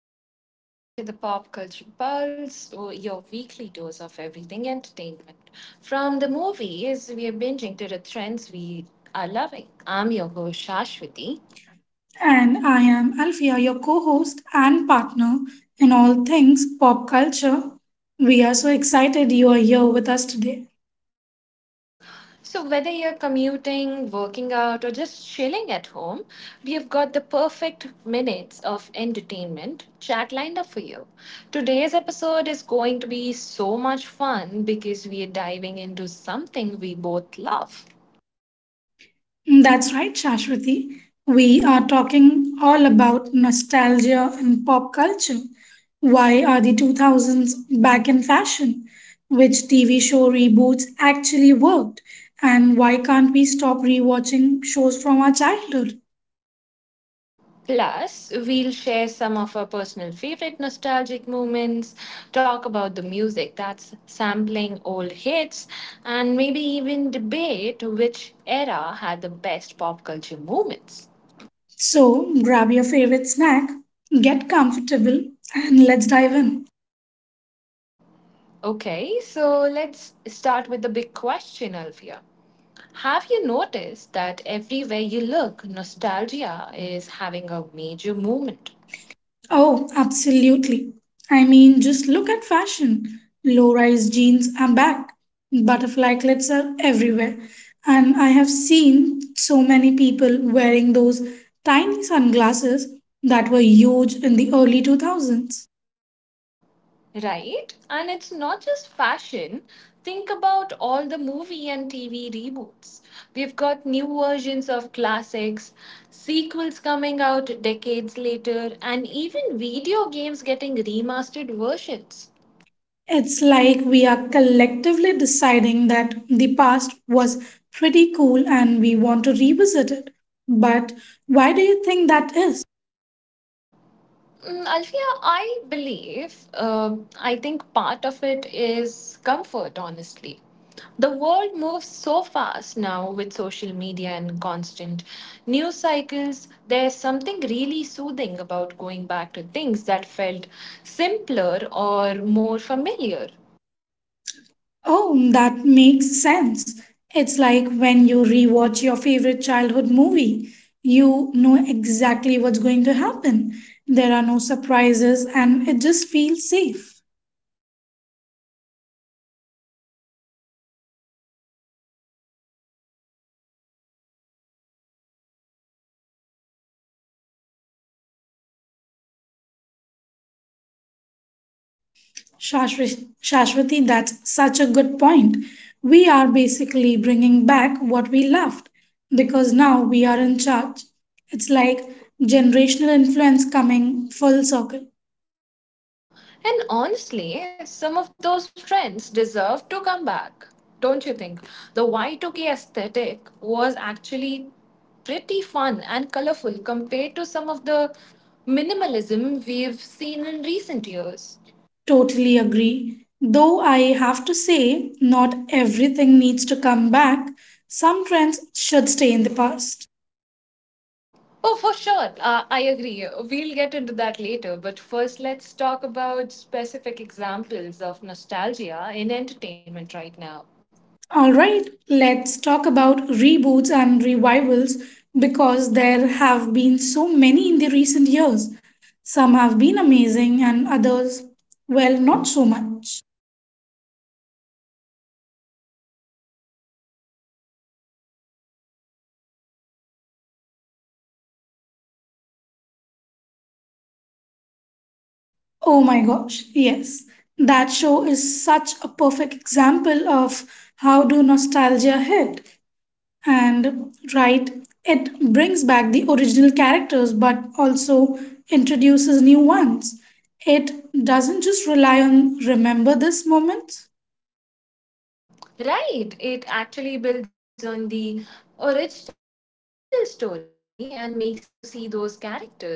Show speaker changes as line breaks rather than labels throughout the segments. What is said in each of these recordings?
and welcome back to the Pop Culture Pulse, your weekly dose of everything entertainment. From the movies we are binging to the trends we are loving. I'm your host Shashwati.
And I am Alfia, your co host and partner in all things pop culture. We are so excited you are here with us today.
So, whether you're commuting, working out, or just chilling at home, we have got the perfect minutes of entertainment chat lined up for you. Today's episode is going to be so much fun because we are diving into something we both love.
That's right, Shashwati. We are talking all about nostalgia and pop culture. Why are the 2000s back in fashion? Which TV show reboots actually worked? And why can't we stop rewatching shows from our childhood?
Plus, we'll share some of our personal favorite nostalgic moments, talk about the music that's sampling old hits, and maybe even debate which era had the best pop culture moments.
So, grab your favorite snack, get comfortable, and let's dive in.
Okay, so let's start with the big question, Alfia. Have you noticed that everywhere you look, nostalgia is having a major moment?
Oh, absolutely. I mean, just look at fashion. Low rise jeans are back, butterfly clips are everywhere, and I have seen so many people wearing those tiny sunglasses that were huge in the early 2000s.
Right? And it's not just fashion. Think about all the movie and TV reboots. We've got new versions of classics, sequels coming out decades later, and even video games getting remastered versions.
It's like we are collectively deciding that the past was pretty cool and we want to revisit it. But why do you think that is?
Mm, Alfia, I believe, I think part of it is comfort, honestly. The world moves so fast now with social media and constant news cycles. There's something really soothing about going back to things that felt simpler or more familiar.
Oh, that makes sense. It's like when you rewatch your favorite childhood movie, you know exactly what's going to happen. There are no surprises and it just feels safe.
Exactly. And I also think that people who grew up in the 90s and 2000s are now adults with purchasing power. We are the ones creating content, buying merchandise, and driving trends.
Shashwati, that's such a good point. We are basically bringing back what we left because now we are in charge. It's like generational influence coming full circle.
And honestly, some of those trends deserve to come back. Don't you think? The Y2K aesthetic was actually pretty fun and colorful compared to some of the minimalism we've seen in recent years.
Totally agree. Though I have to say, not everything needs to come back. Some trends should stay in the past.
Oh, for sure. I agree. We'll get into that later. But first, let's talk about specific examples of nostalgia in entertainment right now.
All right, let's talk about reboots and revivals because there have been so many in the recent years. Some have been amazing, and others, well, not so much.
Mm, let's start with the wins. One that comes to my mind immediately is Cobra Kai, the sequel series to the Karate Kid movies.
Oh my gosh, yes. That show is such a perfect example of how do nostalgia hit. And right, it brings back the original characters but also introduces new ones. It doesn't just rely on remember this moment.
Right. It actually builds on the original story and makes you see those characters in a new light.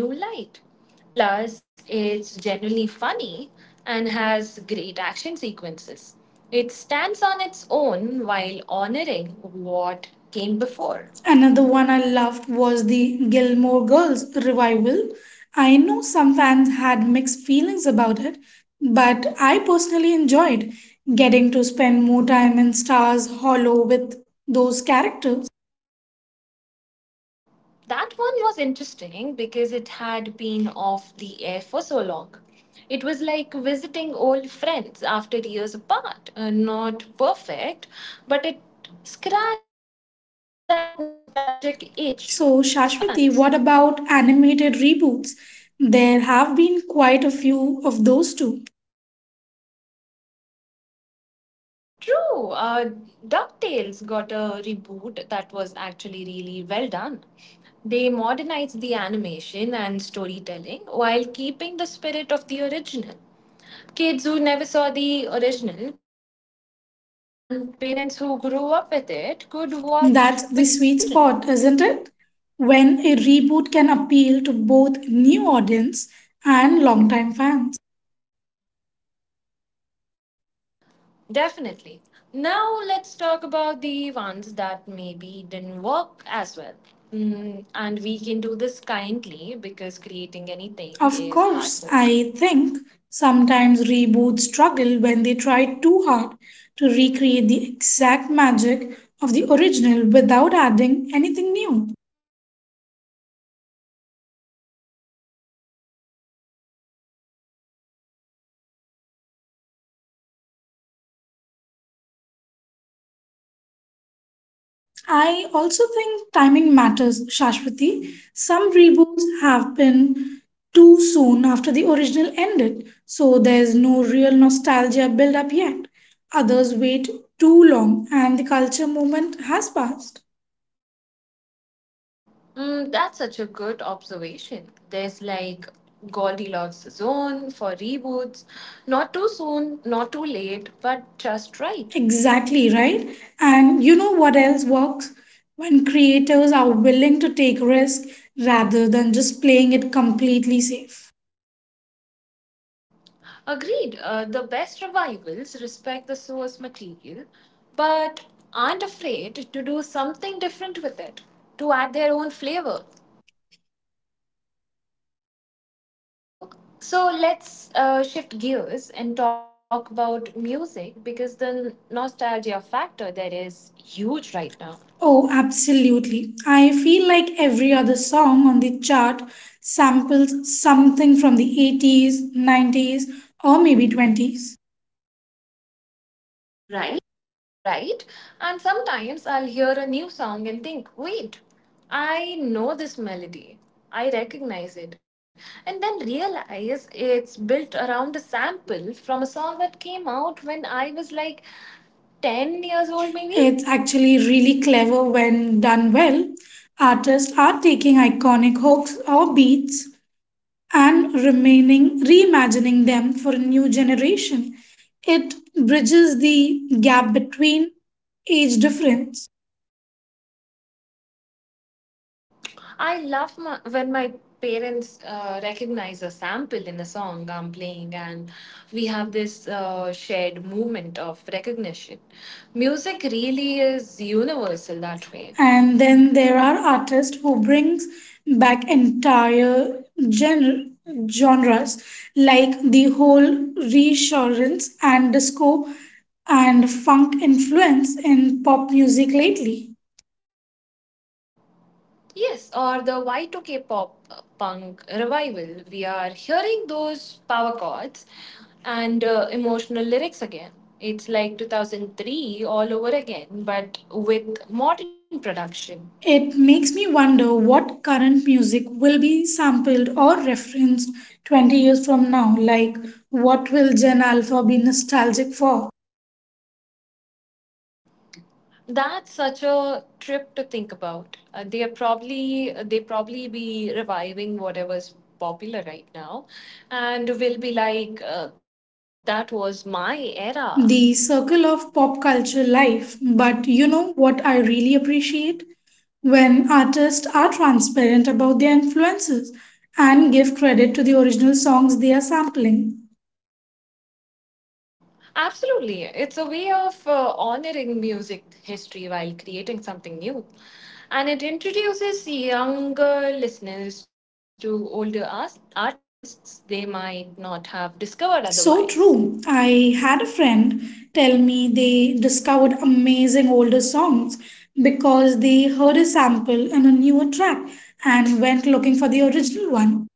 Plus, it's generally funny and has great action sequences. It stands on its own while honoring what came before.
Another one I loved was the Gilmore Girls revival. I know some fans had mixed feelings about it, but I personally enjoyed getting to spend more time in Stars Hollow with those characters.
That one was interesting because it had been off the air for so long. It was like visiting old friends after years apart. Not perfect, but it scratched that nostalgic itch for
So,
fans.
Shashwati, what about animated reboots? There have been quite a few of those too.
True. DuckTales got a reboot that was actually really well done. They modernized the animation and storytelling while keeping the spirit of the original. Kids who never saw the original could enjoy it, and parents who grew up with it could
That's
watch
the
with their
sweet
children.
spot, isn't it? When a reboot can appeal to both new audience and longtime fans.
Definitely. Now let's talk about the ones that maybe didn't work as well. Mm, and we can do this kindly because creating
Of
anything is
course,
hard
I
work.
think sometimes reboots struggle when they try too hard to recreate the exact magic of the original without adding anything new.
Yes, or when they try to modernize something in a way that loses what made it special in the first place, it's a delicate
I
balance.
also think timing matters, Shashwati. Some reboots have been too soon after the original ended, so there's no real nostalgia build up yet. Others wait too long and the culture moment has passed.
Mm, that's such a good observation. There's like Goldilocks zone for reboots. Not too soon, not too late, but just right.
Exactly, right? And you know what else works? When creators are willing to take risk rather than just playing it completely safe.
Agreed. The best revivals respect the source material, but aren't afraid to do something different with it, to add their own flavor. So let's shift gears and talk about music because the nostalgia factor there is huge right now.
Oh, absolutely. I feel like every other song on the chart samples something from the 80s, 90s, or maybe 20s. Right?
Right? And sometimes I'll hear a new song and think, wait, I know this melody. I recognize it. And then realize it's built around a sample from a song that came out when I was like 10 years old, maybe.
It's actually really clever when done well. Artists are taking iconic hooks or beats and remaining reimagining them for a new generation. It bridges the gap between age difference.
I love my, when my parents recognize a sample in a song I'm playing, and we have this shared moment of recognition. Music really is universal that way.
And then there are artists who brings back entire gen- genres, like the whole reassurance and disco and funk influence in pop music lately.
Yes, or the Y2K pop punk revival. We are hearing those power chords and emotional lyrics again. It's like 2003 all over again, but with modern production.
It makes me wonder what current music will be sampled or referenced 20 years from now. Like, what will gen alpha be nostalgic for?
That's such a trip to think about. They probably be reviving whatever's popular right now, and will be like that was my era.
The circle of pop culture life. But you know what I really appreciate? When artists are transparent about their influences and give credit to the original songs they are sampling.
Absolutely. It's a way of honoring music history while creating something new. And it introduces younger listeners to older artists they might not have discovered otherwise.
So true. I had a friend tell me they discovered amazing older songs because they heard a sample in a newer track and went looking for the original one.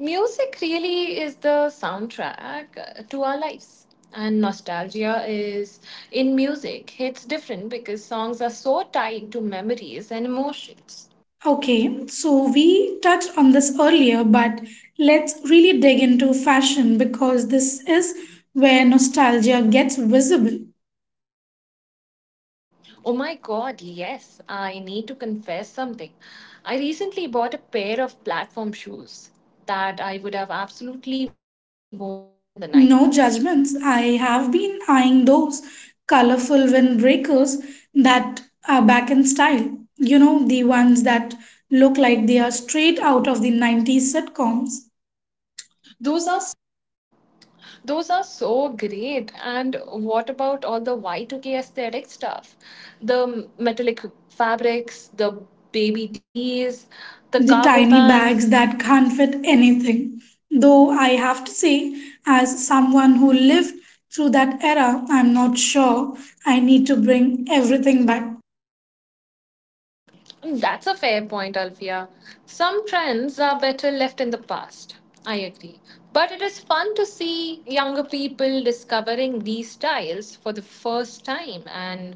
Music really is the soundtrack to our lives. And nostalgia is in music, hits different because songs are so tied to memories and emotions.
Okay, so we touched on this earlier, but let's really dig into fashion because this is where nostalgia gets visible.
Oh my god, yes. I need to confess something. I recently bought a pair of platform shoes that I would have absolutely worn in the 90s.
No judgments. I have been eyeing those colorful windbreakers that are back in style. You know, the ones that look like they are straight out of the 90s sitcoms. Those are
Those are so great. And what about all the Y2K aesthetic stuff? The metallic fabrics, the baby tees, the cargo
the
pants.
tiny bags that can't fit anything. Though I have to say, as someone who lived through that era, I'm not sure I need to bring everything back.
That's a fair point, Alfia. Some trends are better left in the past. I agree. But it is fun to see younger people discovering these styles for the first time and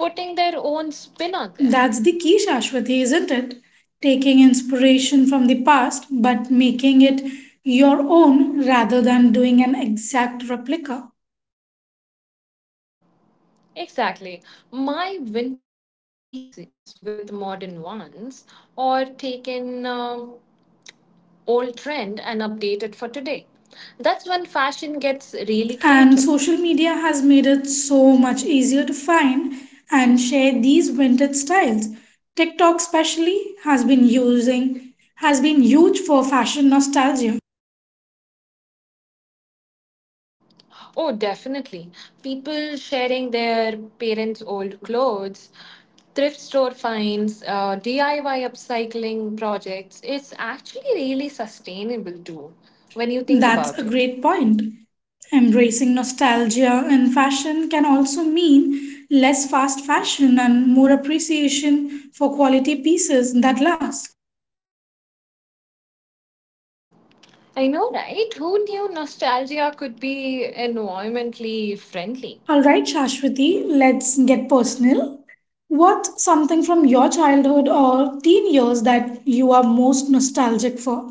putting their own spin on them.
That's the key, Shashwati, isn't it? Taking inspiration from the past but making it your own rather than doing an exact replica.
Exactly. My vintage pieces with modern ones, or taken old trend and updated for today. That's when fashion gets really
And
creative.
social media has made it so much easier to find and share these vintage styles. TikTok especially has been huge for fashion nostalgia.
Oh, definitely. People sharing their parents' old clothes, thrift store finds, DIY upcycling projects. It's actually really sustainable too, when you think
That's
about
a
it.
great point. Embracing nostalgia in fashion can also mean less fast fashion and more appreciation for quality pieces that last.
I know, right? Who knew nostalgia could be environmentally
All
friendly?
right, Shashwati, let's get personal. What's something from your childhood or teen years that you are most nostalgic for?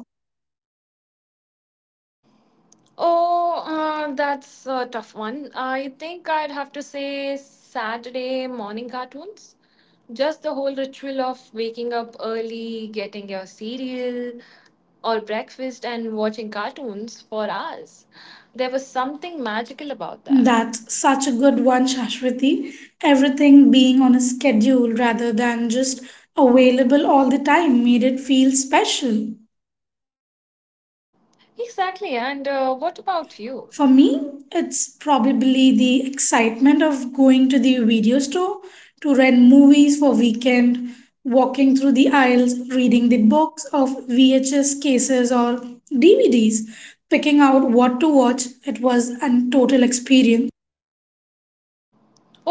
Oh, that's a tough one. I think I'd have to say Saturday morning cartoons. Just the whole ritual of waking up early, getting your cereal or breakfast, and watching cartoons for hours. There was something magical about that.
That's such a good one, Shashwati. Everything being on a schedule rather than just available all the time made it feel special.
Exactly. And what about
For
you?
me, it's probably the excitement of going to the video store to rent movies for weekend, walking through the aisles, reading the books of VHS cases or DVDs, picking out what to watch. It was a total experience.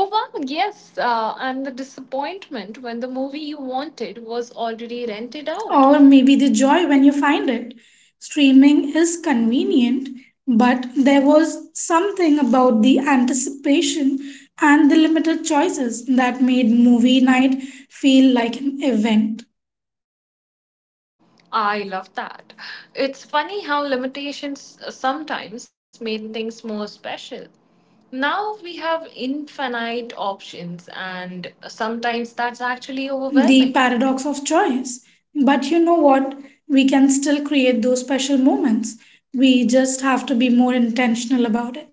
Oh, wow, yes. And the disappointment when the movie you wanted was already rented out.
Or maybe the joy when you find it. Streaming is convenient, but there was something about the anticipation and the limited choices that made movie night feel like an event.
I love that. It's funny how limitations sometimes made things more special. Now we have infinite options, and sometimes that's actually overwhelming.
The paradox of choice. But you know what? We can still create those special moments. We just have to be more intentional about it.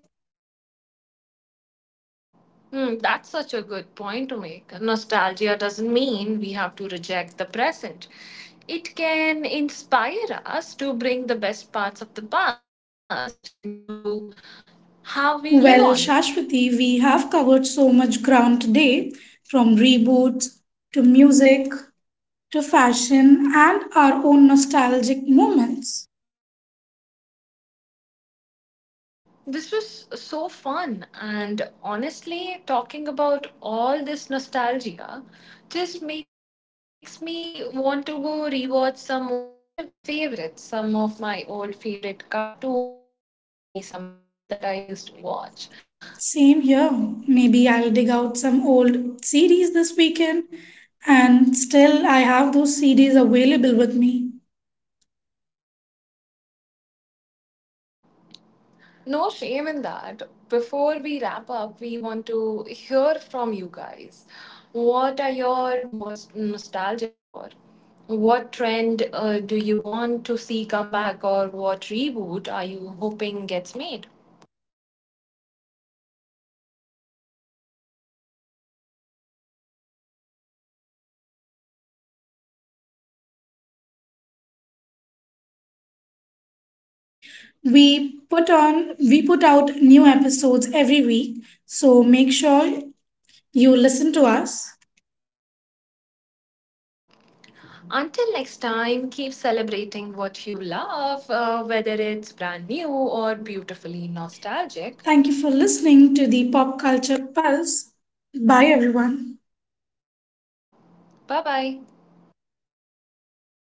Hmm, that's such a good point to make. Nostalgia doesn't mean we have to reject the present. It can inspire us to bring the best parts of the past into how we live on.
Well, Shashwati, we have covered so much ground today, from reboots to music to fashion and our own nostalgic moments.
This was so fun, and honestly, talking about all this nostalgia just makes me want to go rewatch some old fa- favorites, some of my old favorite cartoons, or maybe some shows that I used to watch.
Same here. Maybe I'll dig out some old CDs this weekend, and still I have those CDs available with me.
No shame in that. Before we wrap up, we want to hear from you guys. What are you most nostalgic for? What trend do you want to see come back, or what reboot are you hoping gets made?
We put out new episodes every week, so make sure you listen to us.
Until next time, keep celebrating what you love, whether it's brand new or beautifully nostalgic.
Thank you for listening to the Pop Culture Pulse. Bye everyone.
Bye bye.